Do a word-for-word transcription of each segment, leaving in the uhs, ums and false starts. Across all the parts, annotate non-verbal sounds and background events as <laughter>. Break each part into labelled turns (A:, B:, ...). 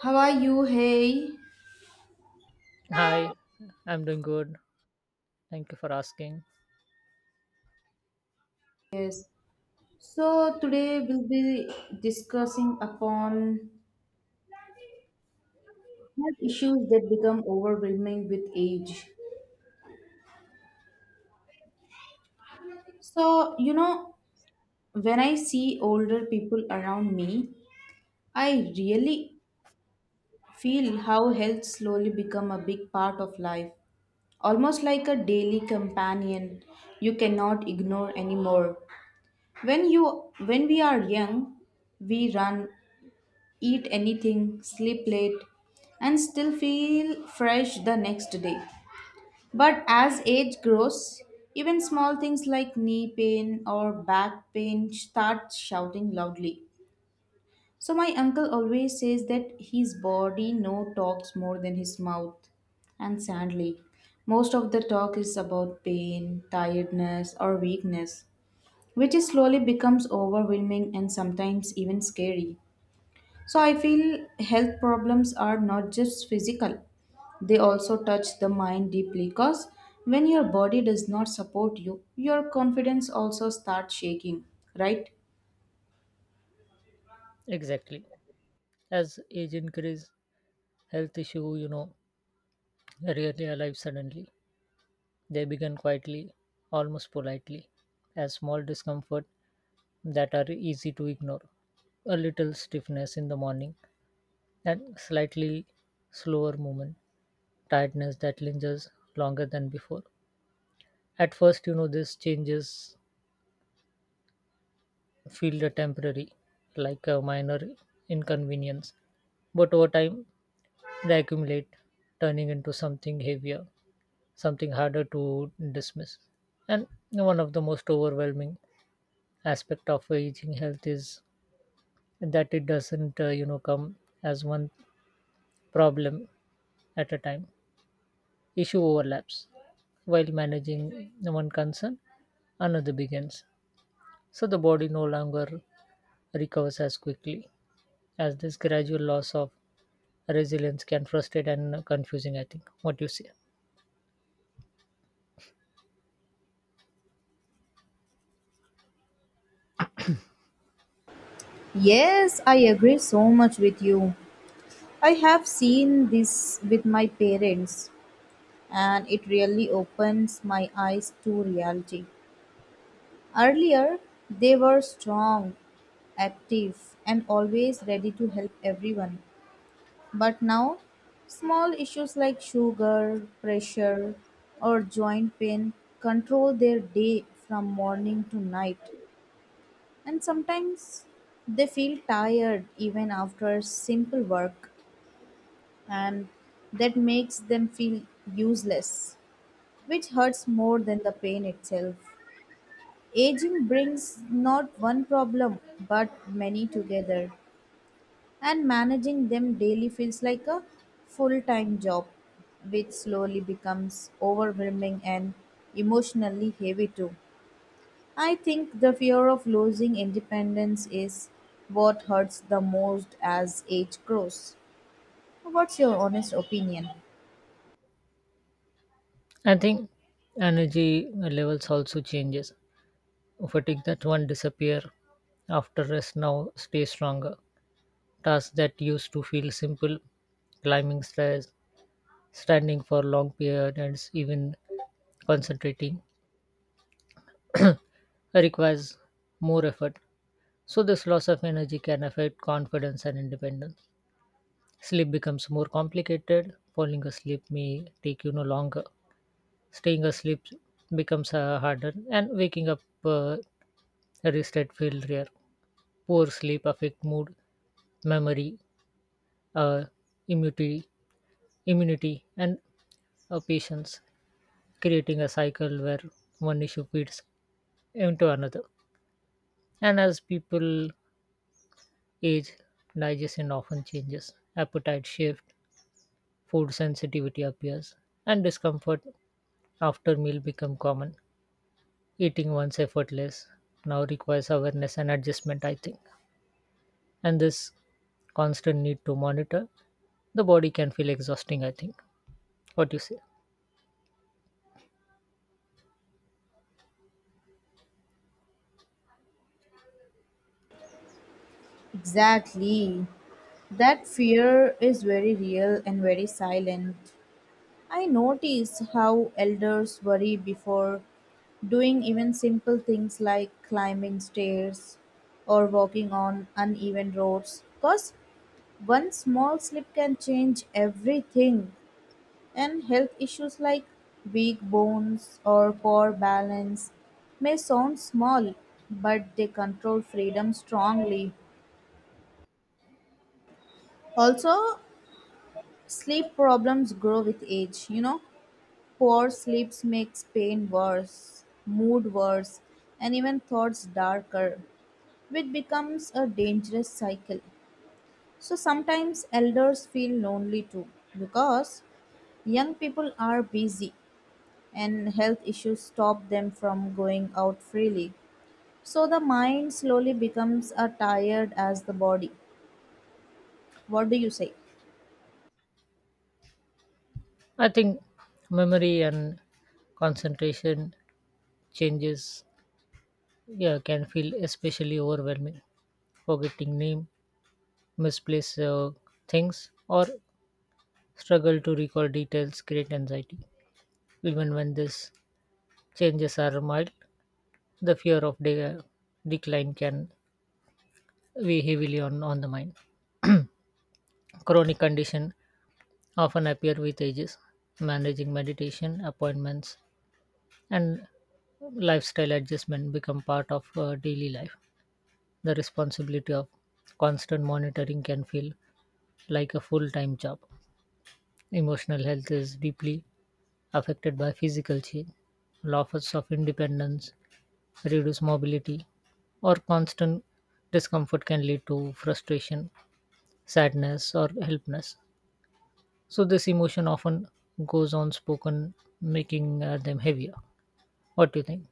A: How are you? Hey.
B: Hi, I'm doing good. Thank you for asking.
A: So today we'll be discussing upon health issues that become overwhelming with age. So, you know, when I see older people around me, I really feel how health slowly become a big part of life, almost like a daily companion you cannot ignore anymore. When you when we are young, we run, eat anything, sleep late, and still feel fresh the next day. But as age grows, even small things like knee pain or back pain start shouting loudly. So my uncle always says that his body no talks more than his mouth. And sadly, most of the talk is about pain, tiredness, or weakness, which is slowly becomes overwhelming and sometimes even scary. So I feel health problems are not just physical, they also touch the mind deeply because when your body does not support you, your confidence also starts shaking, right?
B: Exactly. As age increase, health issue, you know, rarely arrive suddenly. They begin quietly, almost politely, as small discomfort that are easy to ignore. A little stiffness in the morning and slightly slower movement, tiredness that lingers longer than before. At first, you know, this changes feel a temporary, like a minor inconvenience, but over time they accumulate, turning into something heavier, something harder to dismiss. And one of the most overwhelming aspect of aging health is that it doesn't, uh, you know, come as one problem at a time. Issue overlaps. While managing one concern, another begins. So the body no longer recovers as quickly as this gradual loss of resilience can frustrate and confusing. I think. What you say?
A: Yes, I agree so much with you. I have seen this with my parents, and it really opens my eyes to reality. Earlier, they were strong, active, and always ready to help everyone. But now, small issues like sugar, pressure, or joint pain control their day from morning to night, and sometimes they feel tired even after simple work, and that makes them feel useless, which hurts more than the pain itself. Aging brings not one problem but many together. And managing them daily feels like a full time job, which slowly becomes overwhelming and emotionally heavy too. I think the fear of losing independence is what hurts the most as age grows. What's your honest opinion?
B: I think energy levels also changes. Fatigue that one disappear after rest now stay stronger. Tasks that used to feel simple, climbing stairs, standing for long periods, even concentrating, requires more effort. So this loss of energy can affect confidence and independence. Sleep becomes more complicated. Falling asleep may take you no longer. Staying asleep becomes uh, harder, and waking up uh, rested feel rare. Poor sleep affect mood, memory, uh, immunity, immunity, and uh, patience, creating a cycle where one issue feeds into another. And as people age, digestion often changes, appetite shift, food sensitivity appears, and discomfort after meal become common. Eating once effortless now requires awareness and adjustment, I think. And this constant need to monitor the body can feel exhausting, I think. What do you say?
A: Exactly. That fear is very real and very silent. I notice how elders worry before doing even simple things like climbing stairs or walking on uneven roads because one small slip can change everything, and health issues like weak bones or poor balance may sound small but they control freedom strongly. Also, sleep problems grow with age, you know. Poor sleep makes pain worse, mood worse, and even thoughts darker, which becomes a dangerous cycle. So sometimes elders feel lonely too because young people are busy and health issues stop them from going out freely. So the mind slowly becomes as tired as the body. What do you say?
B: I think memory and concentration changes, yeah, can feel especially overwhelming. Forgetting name, misplace uh, things, or struggle to recall details create anxiety even when these changes are mild. The fear of de- decline can weigh heavily on, on the mind. Chronic condition often appear with ages. Managing meditation, appointments, and lifestyle adjustment become part of uh, daily life. The responsibility of constant monitoring can feel like a full time job. Emotional health is deeply affected by physical change. Losses of independence, reduced mobility, or constant discomfort can lead to frustration, sadness, or helplessness. So, this emotion often goes unspoken, making uh, them heavier. What do you think?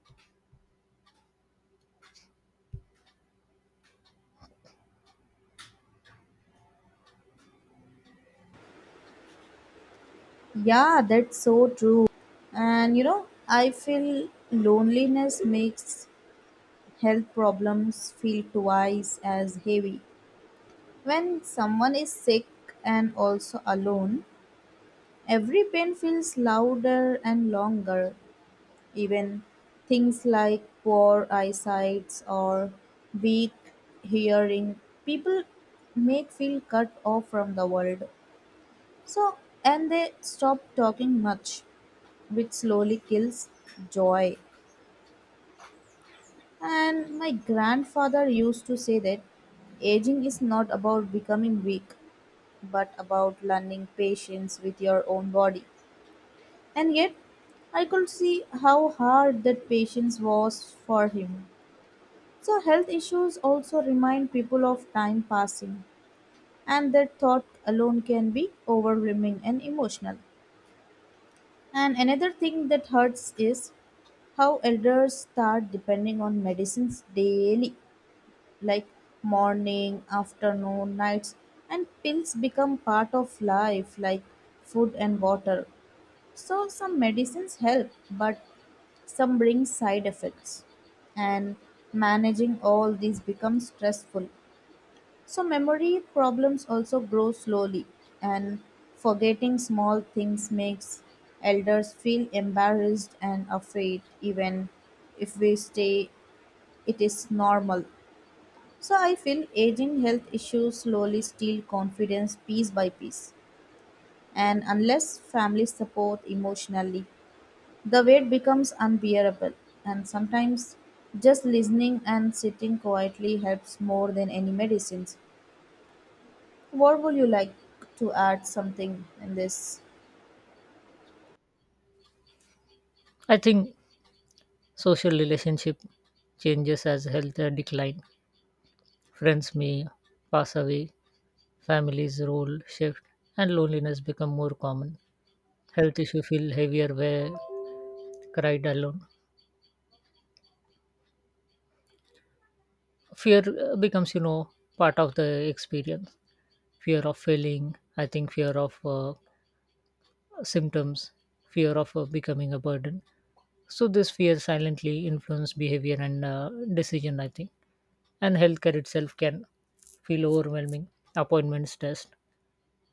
A: Yeah, that's so true. And you know, I feel loneliness makes health problems feel twice as heavy. When someone is sick and also alone, every pain feels louder and longer. Even things like poor eyesight or weak hearing, people make feel cut off from the world. So, and they stop talking much, which slowly kills joy. And my grandfather used to say that aging is not about becoming weak, but about learning patience with your own body. And yet, I could see how hard that patience was for him. So, health issues also remind people of time passing, and that thought alone can be overwhelming and emotional. And another thing that hurts is how elders start depending on medicines daily like morning, afternoon, nights, and pills become part of life, like food and water. So, some medicines help, but some bring side effects, and managing all these becomes stressful. So, memory problems also grow slowly, and forgetting small things makes elders feel embarrassed and afraid, even if we stay, it is normal. So I feel aging health issues slowly steal confidence piece by piece. And unless family support emotionally, the weight becomes unbearable. And sometimes just listening and sitting quietly helps more than any medicines. What would you like to add something in this?
B: I think social relationship changes as health uh, decline. Friends may pass away, families role shift, and loneliness become more common. Health issue feel heavier where cried alone. Fear uh, becomes, you know, part of the experience. Fear of failing, I think fear of uh, symptoms, fear of uh, becoming a burden. So this fear silently influence behavior and uh, decision, I think. And healthcare itself can feel overwhelming. Appointments, tests,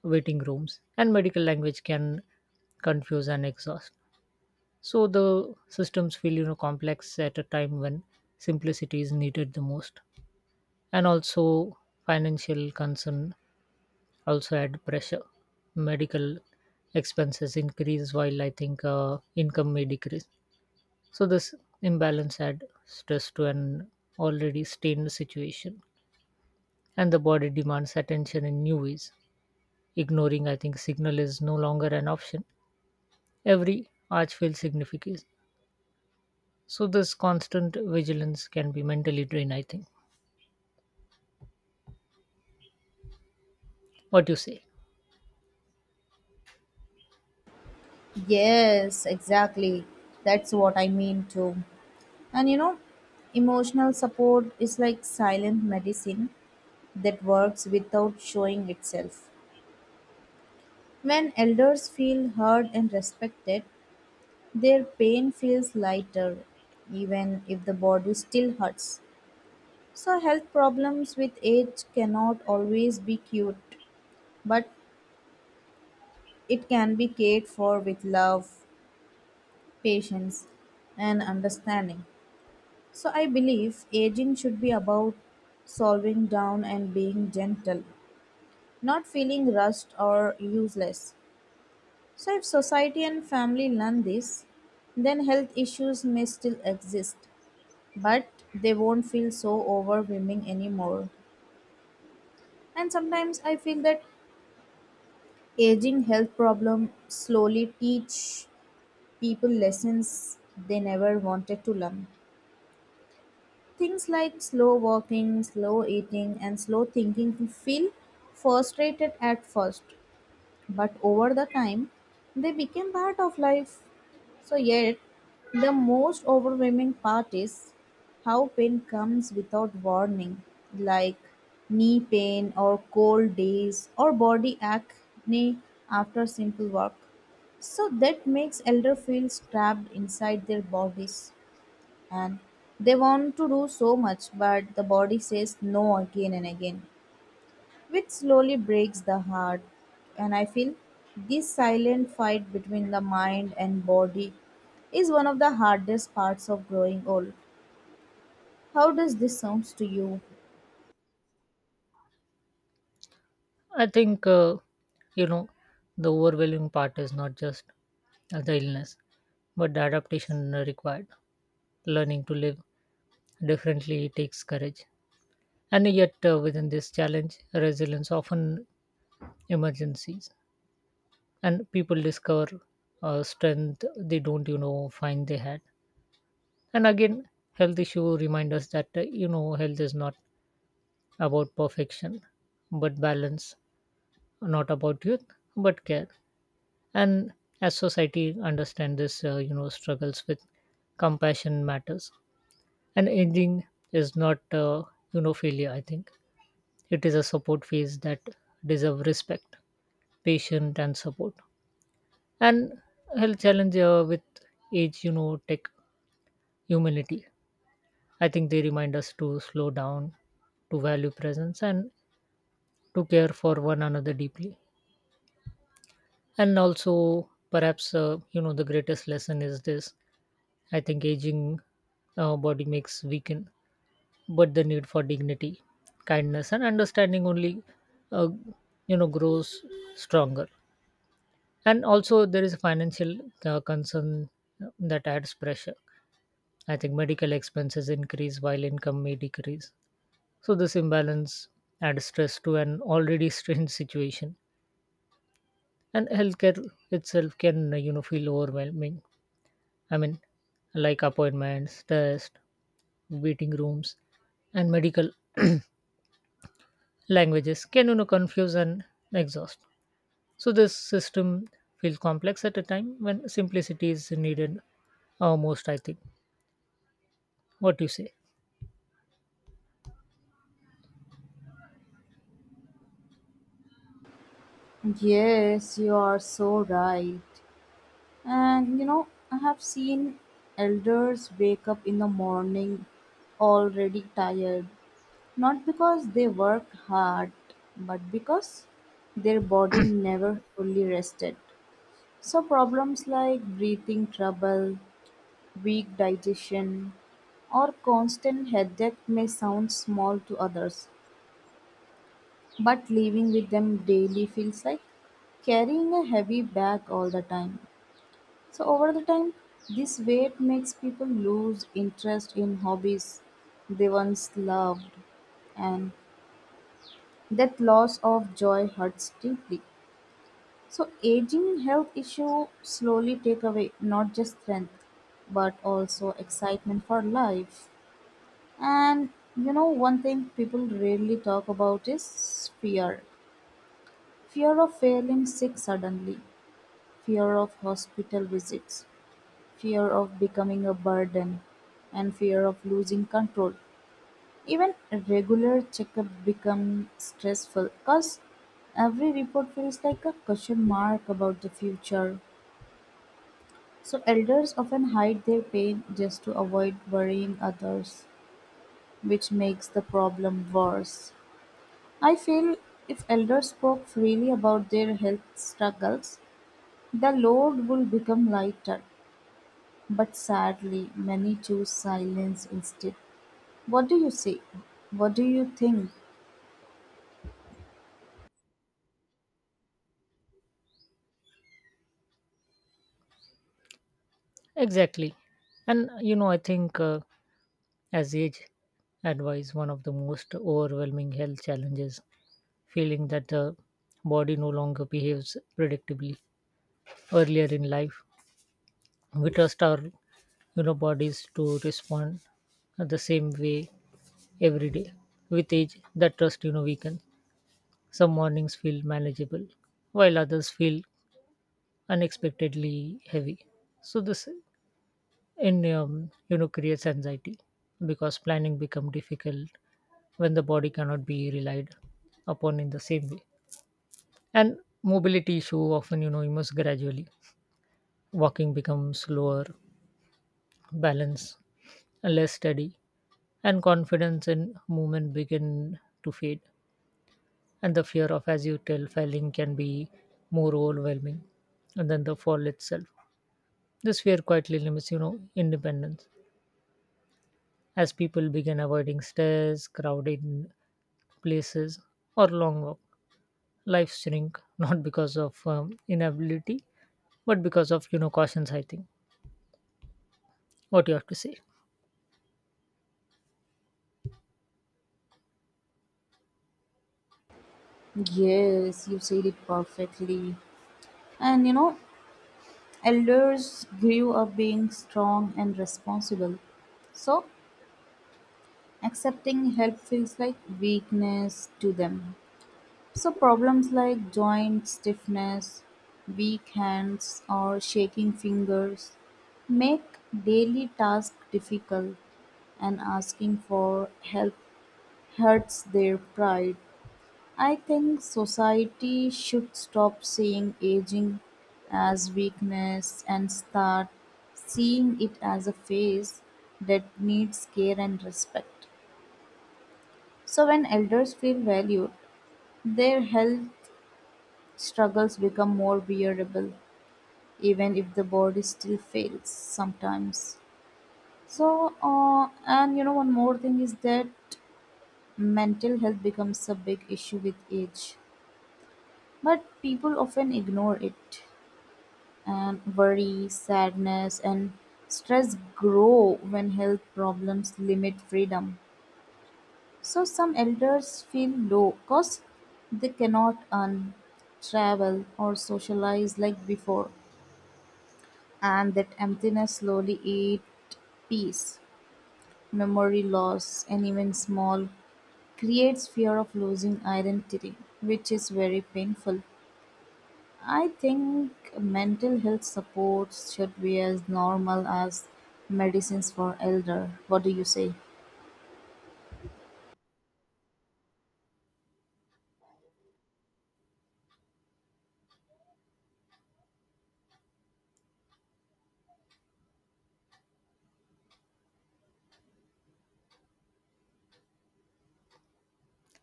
B: waiting rooms, and medical language can confuse and exhaust. So the systems feel you know complex at a time when simplicity is needed the most. And also financial concern also add pressure. Medical expenses increase while I think uh, income may decrease. So this imbalance add stress to an already strained situation. And the body demands attention in new ways. Ignoring, I think, signal is no longer an option. Every arch feels significant. So this constant vigilance can be mentally drained, I think. What you say?
A: Yes, exactly. That's what I mean too. And you know, emotional support is like silent medicine that works without showing itself. When elders feel heard and respected, their pain feels lighter, even if the body still hurts. So, health problems with age cannot always be cured, but it can be cared for with love, patience, and understanding. So, I believe aging should be about solving down and being gentle, not feeling rushed or useless. So, if society and family learn this, then health issues may still exist, but they won't feel so overwhelming anymore. And sometimes I feel that aging health problem slowly teach people lessons they never wanted to learn. Things like slow walking, slow eating, and slow thinking feel frustrated at first, but over the time, they became part of life. So yet the most overwhelming part is how pain comes without warning, like knee pain or cold days or body acne after simple work. So that makes elder feel trapped inside their bodies, and they want to do so much but the body says no again and again, which slowly breaks the heart. And I feel this silent fight between the mind and body is one of the hardest parts of growing old. How does this sounds to you?
B: I think uh, you know the overwhelming part is not just uh, the illness, but the adaptation required. Learning to live differently takes courage, and yet uh, within this challenge, resilience often emergencies, and people discover uh, strength they don't you know find they had. And again, health issue remind us that uh, you know health is not about perfection but balance, not about youth but care. And as society understand this uh, you know struggles with compassion matters. And aging is not uh, you know failure, I think. It is a support phase that deserve respect, patient and support. And health challenge uh, with age, you know tech humility, I think. They remind us to slow down, to value presence, and to care for one another deeply. And also perhaps uh, you know the greatest lesson is this, I think. Aging uh, body makes weaken, but the need for dignity, kindness, and understanding only uh, you know grows stronger. And also there is a financial uh, concern that adds pressure. I think medical expenses increase while income may decrease. So this imbalance adds stress to an already <laughs> strained situation, and healthcare itself can uh, you know feel overwhelming. I mean, like appointments, tests, waiting rooms, and medical <clears throat> languages can you know confuse and exhaust. So this system feels complex at a time when simplicity is needed uh, most, I think. What do you say?
A: Yes, you are so right. And you know, I have seen elders wake up in the morning already tired, not because they worked hard, but because their body never fully rested. So problems like breathing trouble, weak digestion, or constant headache may sound small to others, but living with them daily feels like carrying a heavy bag all the time. So over the time, this weight makes people lose interest in hobbies they once loved, and that loss of joy hurts deeply. So aging health issue slowly take away not just strength but also excitement for life. And you know, one thing people rarely talk about is fear. Fear of falling sick suddenly, fear of hospital visits, fear of becoming a burden, and fear of losing control. Even regular checkup become stressful because every report feels like a question mark about the future. So elders often hide their pain just to avoid worrying others, which makes the problem worse. I feel if elders spoke freely about their health struggles, the load would become lighter. But sadly, many choose silence instead. What do you say? What do you think?
B: Exactly. And you know I think. Uh, As age advise one of the most overwhelming health challenges, feeling that the body no longer behaves predictably. Earlier in life, we trust our you know bodies to respond the same way every day. With age, that trust you know weakens. Some mornings feel manageable, while others feel unexpectedly heavy. So this and um, you know creates anxiety because planning become difficult when the body cannot be relied upon in the same way. And mobility issue often you know immerse gradually. Walking becomes slower, balance less steady, and confidence in movement begin to fade. And the fear of as you tell failing can be more overwhelming and then the fall itself. This fear quietly limits you know independence as people began avoiding stairs, crowded places, or long walk. Life shrink <laughs> not because of um, inability, but because of you know cautions, I think. What you have to say.
A: Yes, you said it perfectly. And you know, elders grew up being strong and responsible. So accepting help feels like weakness to them. So, problems like joint stiffness, weak hands, or shaking fingers make daily tasks difficult, and asking for help hurts their pride. I think society should stop seeing aging as weakness and start seeing it as a phase that needs care and respect. So, when elders feel valued, their health struggles become more bearable, even if the body still fails sometimes. So, uh, and you know, one more thing is that mental health becomes a big issue with age, but people often ignore it. And worry, sadness, and stress grow when health problems limit freedom. So some elders feel low because they cannot earn, travel, or socialize like before, and that emptiness slowly eat peace, memory loss, and even small creates fear of losing identity, which is very painful. I think mental health support should be as normal as medicines for elder. What do you say?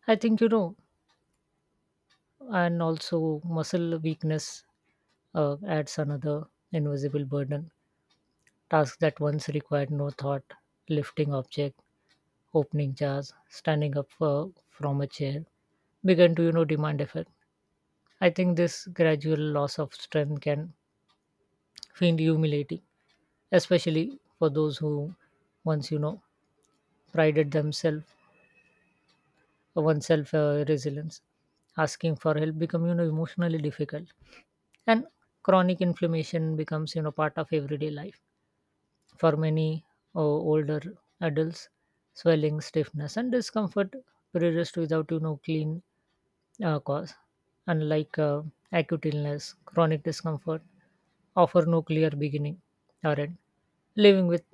B: I think you know, and also muscle weakness uh, adds another invisible burden. Tasks that once required no thought, lifting object, opening jars, standing up uh, from a chair, begin to you know demand effort. I think this gradual loss of strength can find humiliating, especially for those who once you know prided themselves oneself uh, resilience. Asking for help become you know emotionally difficult, and chronic inflammation becomes you know part of everyday life for many uh, older adults. Swelling, stiffness, and discomfort persist without you know clean Uh, cause. Unlike uh, acute illness, chronic discomfort offer no clear beginning or end. Living with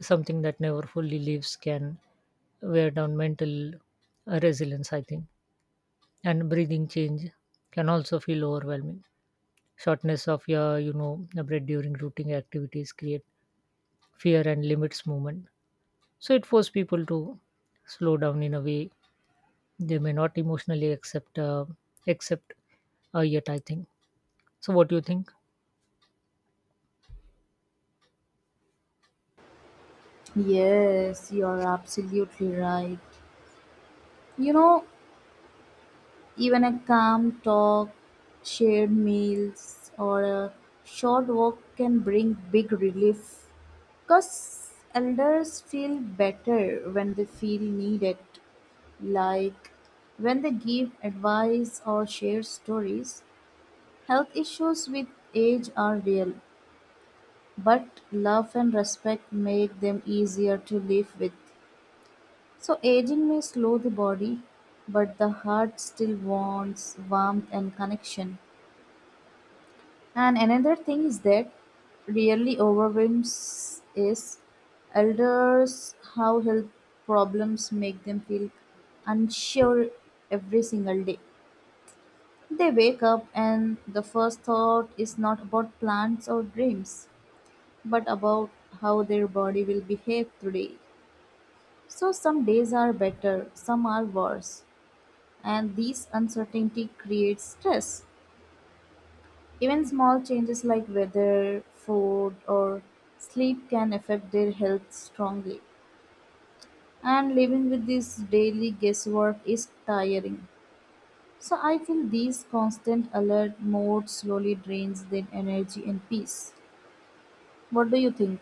B: something that never fully leaves can wear down mental uh, resilience, I think. And breathing change can also feel overwhelming. Shortness of your, you know, the breath during routine activities create fear and limits movement. So it forces people to slow down in a way they may not emotionally accept, uh, accept uh, yet, I think. So, what do you think?
A: Yes, you're absolutely right. You know, even a calm talk, shared meals, or a short walk can bring big relief because elders feel better when they feel needed. Like when they give advice or share stories, health issues with age are real, but love and respect make them easier to live with. So aging may slow the body, but the heart still wants warmth and connection. And another thing is that really overwhelms is elders how health problems make them feel unsure every single day. They wake up and the first thought is not about plans or dreams, but about how their body will behave today. So some days are better, some are worse, and this uncertainty creates stress. Even small changes like weather, food, or sleep can affect their health strongly. And living with this daily guesswork is tiring. So I feel these constant alert mode slowly drains their energy and peace. What do you think?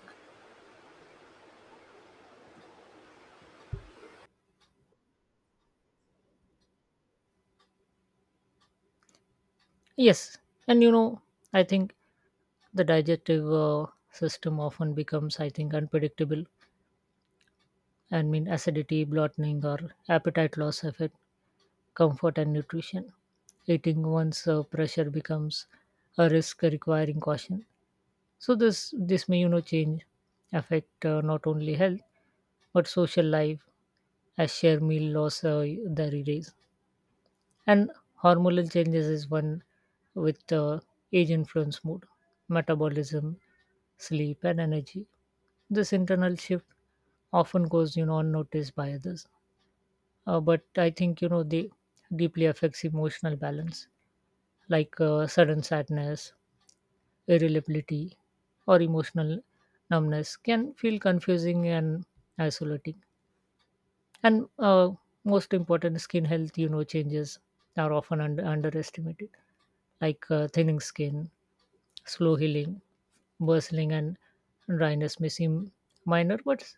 B: Yes, and you know, I think the digestive uh, system often becomes, I think, unpredictable. I mean, acidity, bloating, or appetite loss affect comfort and nutrition. Eating once uh, pressure becomes a risk requiring caution. So, this this may you know change affect uh, not only health but social life as share meal loss uh, the days. And hormonal changes is one with uh, age influence mood, metabolism, sleep, and energy. This internal shift often goes, you know, unnoticed by others. Uh, but I think, you know, they deeply affects emotional balance, like uh, sudden sadness, irritability, or emotional numbness can feel confusing and isolating. And uh, most important, skin health, you know, changes are often under- underestimated, like uh, thinning skin, slow healing, bustling, and dryness may seem minor, but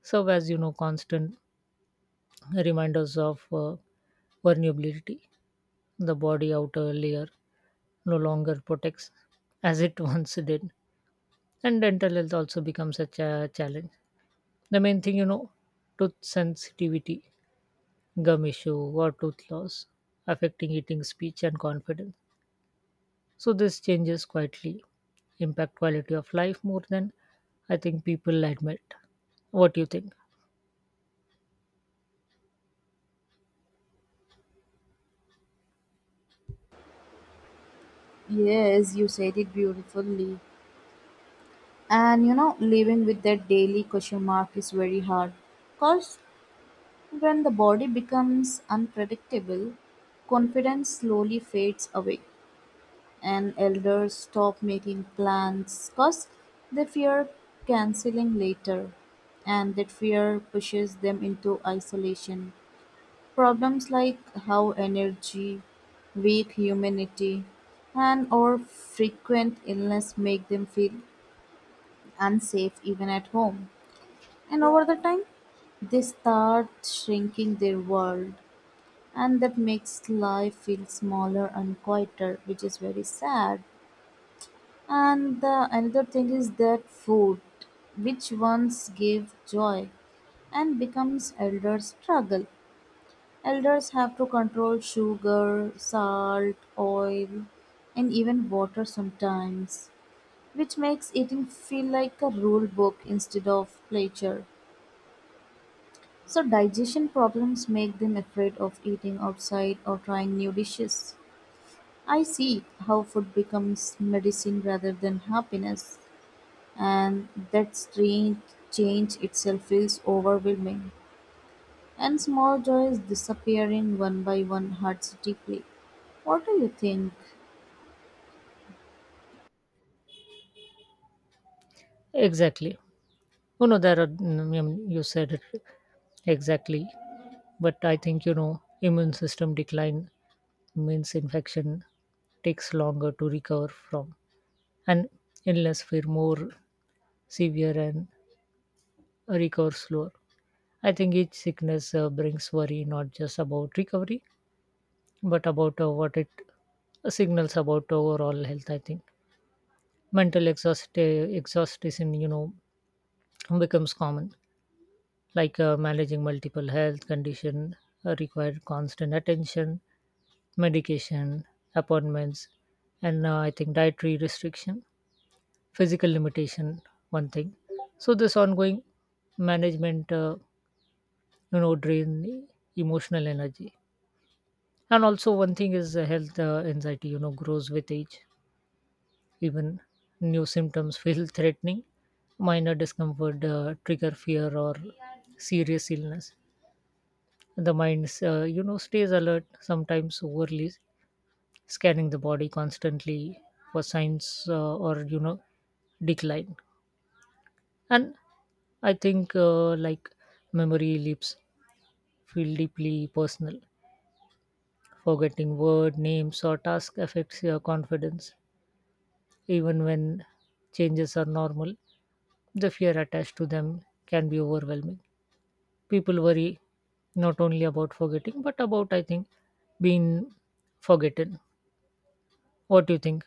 B: serve as you know constant reminders of uh, vulnerability. The body outer layer no longer protects as it <laughs> once did, and dental health also becomes such a challenge. The main thing, you know, tooth sensitivity, gum issue, or tooth loss affecting eating, speech, and confidence. So this changes quietly impact quality of life more than I think people admit. What do you think?
A: Yes, you said it beautifully. And you know, living with that daily question mark is very hard. Because when the body becomes unpredictable, confidence slowly fades away, and elders stop making plans because they fear canceling later, and that fear pushes them into isolation. Problems like how energy, weak humanity, and or frequent illness make them feel unsafe even at home. And over the time, they start shrinking their world, and that makes life feel smaller and quieter, which is very sad. And the another thing is that food which once gave joy and becomes elder struggle, elders have to control sugar, salt, oil, and even water sometimes, which makes eating feel like a rule book instead of pleasure. So digestion problems make them afraid of eating outside or trying new dishes. I see how food becomes medicine rather than happiness, and that strange change itself feels overwhelming. And small joys disappearing one by one hurts deeply. What do you think?
B: Exactly. You know, there are, mm, um, you said it exactly, but I think, you know, immune system decline means infection takes longer to recover from, and illness feel more severe and recover slower. I think each sickness uh, brings worry not just about recovery but about uh, what it signals about overall health. I think mental exhaust uh, exhaustion you know becomes common, like uh, managing multiple health condition uh, require constant attention, medication, appointments, and uh, I think dietary restriction, physical limitation one thing. So this ongoing management uh, you know drain emotional energy. And also one thing is uh, health uh, anxiety you know grows with age. Even new symptoms feel threatening. Minor discomfort uh, trigger fear or serious illness. The mind, uh, you know, stays alert, sometimes overly scanning the body constantly for signs uh, or you know decline. And I think uh, like memory leaps feel deeply personal. Forgetting word, names, or task affects your confidence. Even when changes are normal, the fear attached to them can be overwhelming. People worry not only about forgetting but about I think being forgotten. What do you think?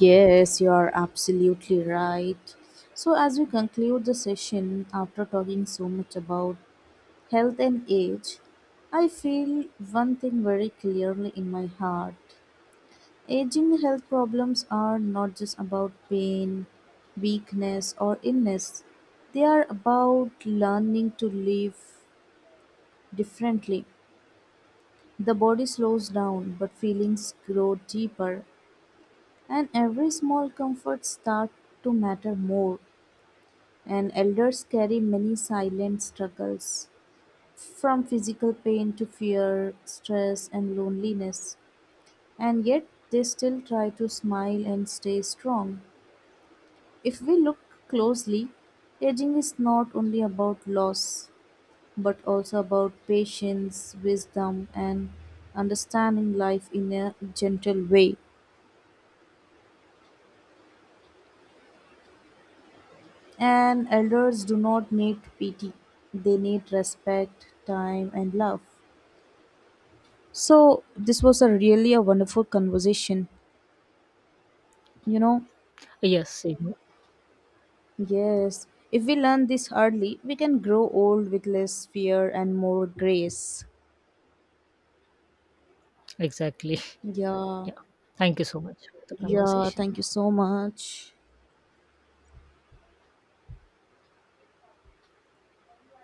A: Yes, you are absolutely right. So, as we conclude the session after talking so much about health and age, I feel one thing very clearly in my heart. Aging health problems are not just about pain, weakness, or illness. They are about learning to live differently. The body slows down, but feelings grow deeper, and every small comfort starts to matter more. And elders carry many silent struggles from physical pain to fear, stress, and loneliness, and yet they still try to smile and stay strong. If we look closely, aging is not only about loss, but also about patience, wisdom, and understanding life in a gentle way. And elders do not need pity, they need respect, time, and love. So, this was a really a wonderful conversation. You know,
B: Yes, same.
A: yes, if we learn this early, we can grow old with less fear and more grace.
B: Exactly. <laughs>
A: Yeah.
B: Yeah, thank you so much for the
A: Yeah,
B: conversation.
A: thank you so much.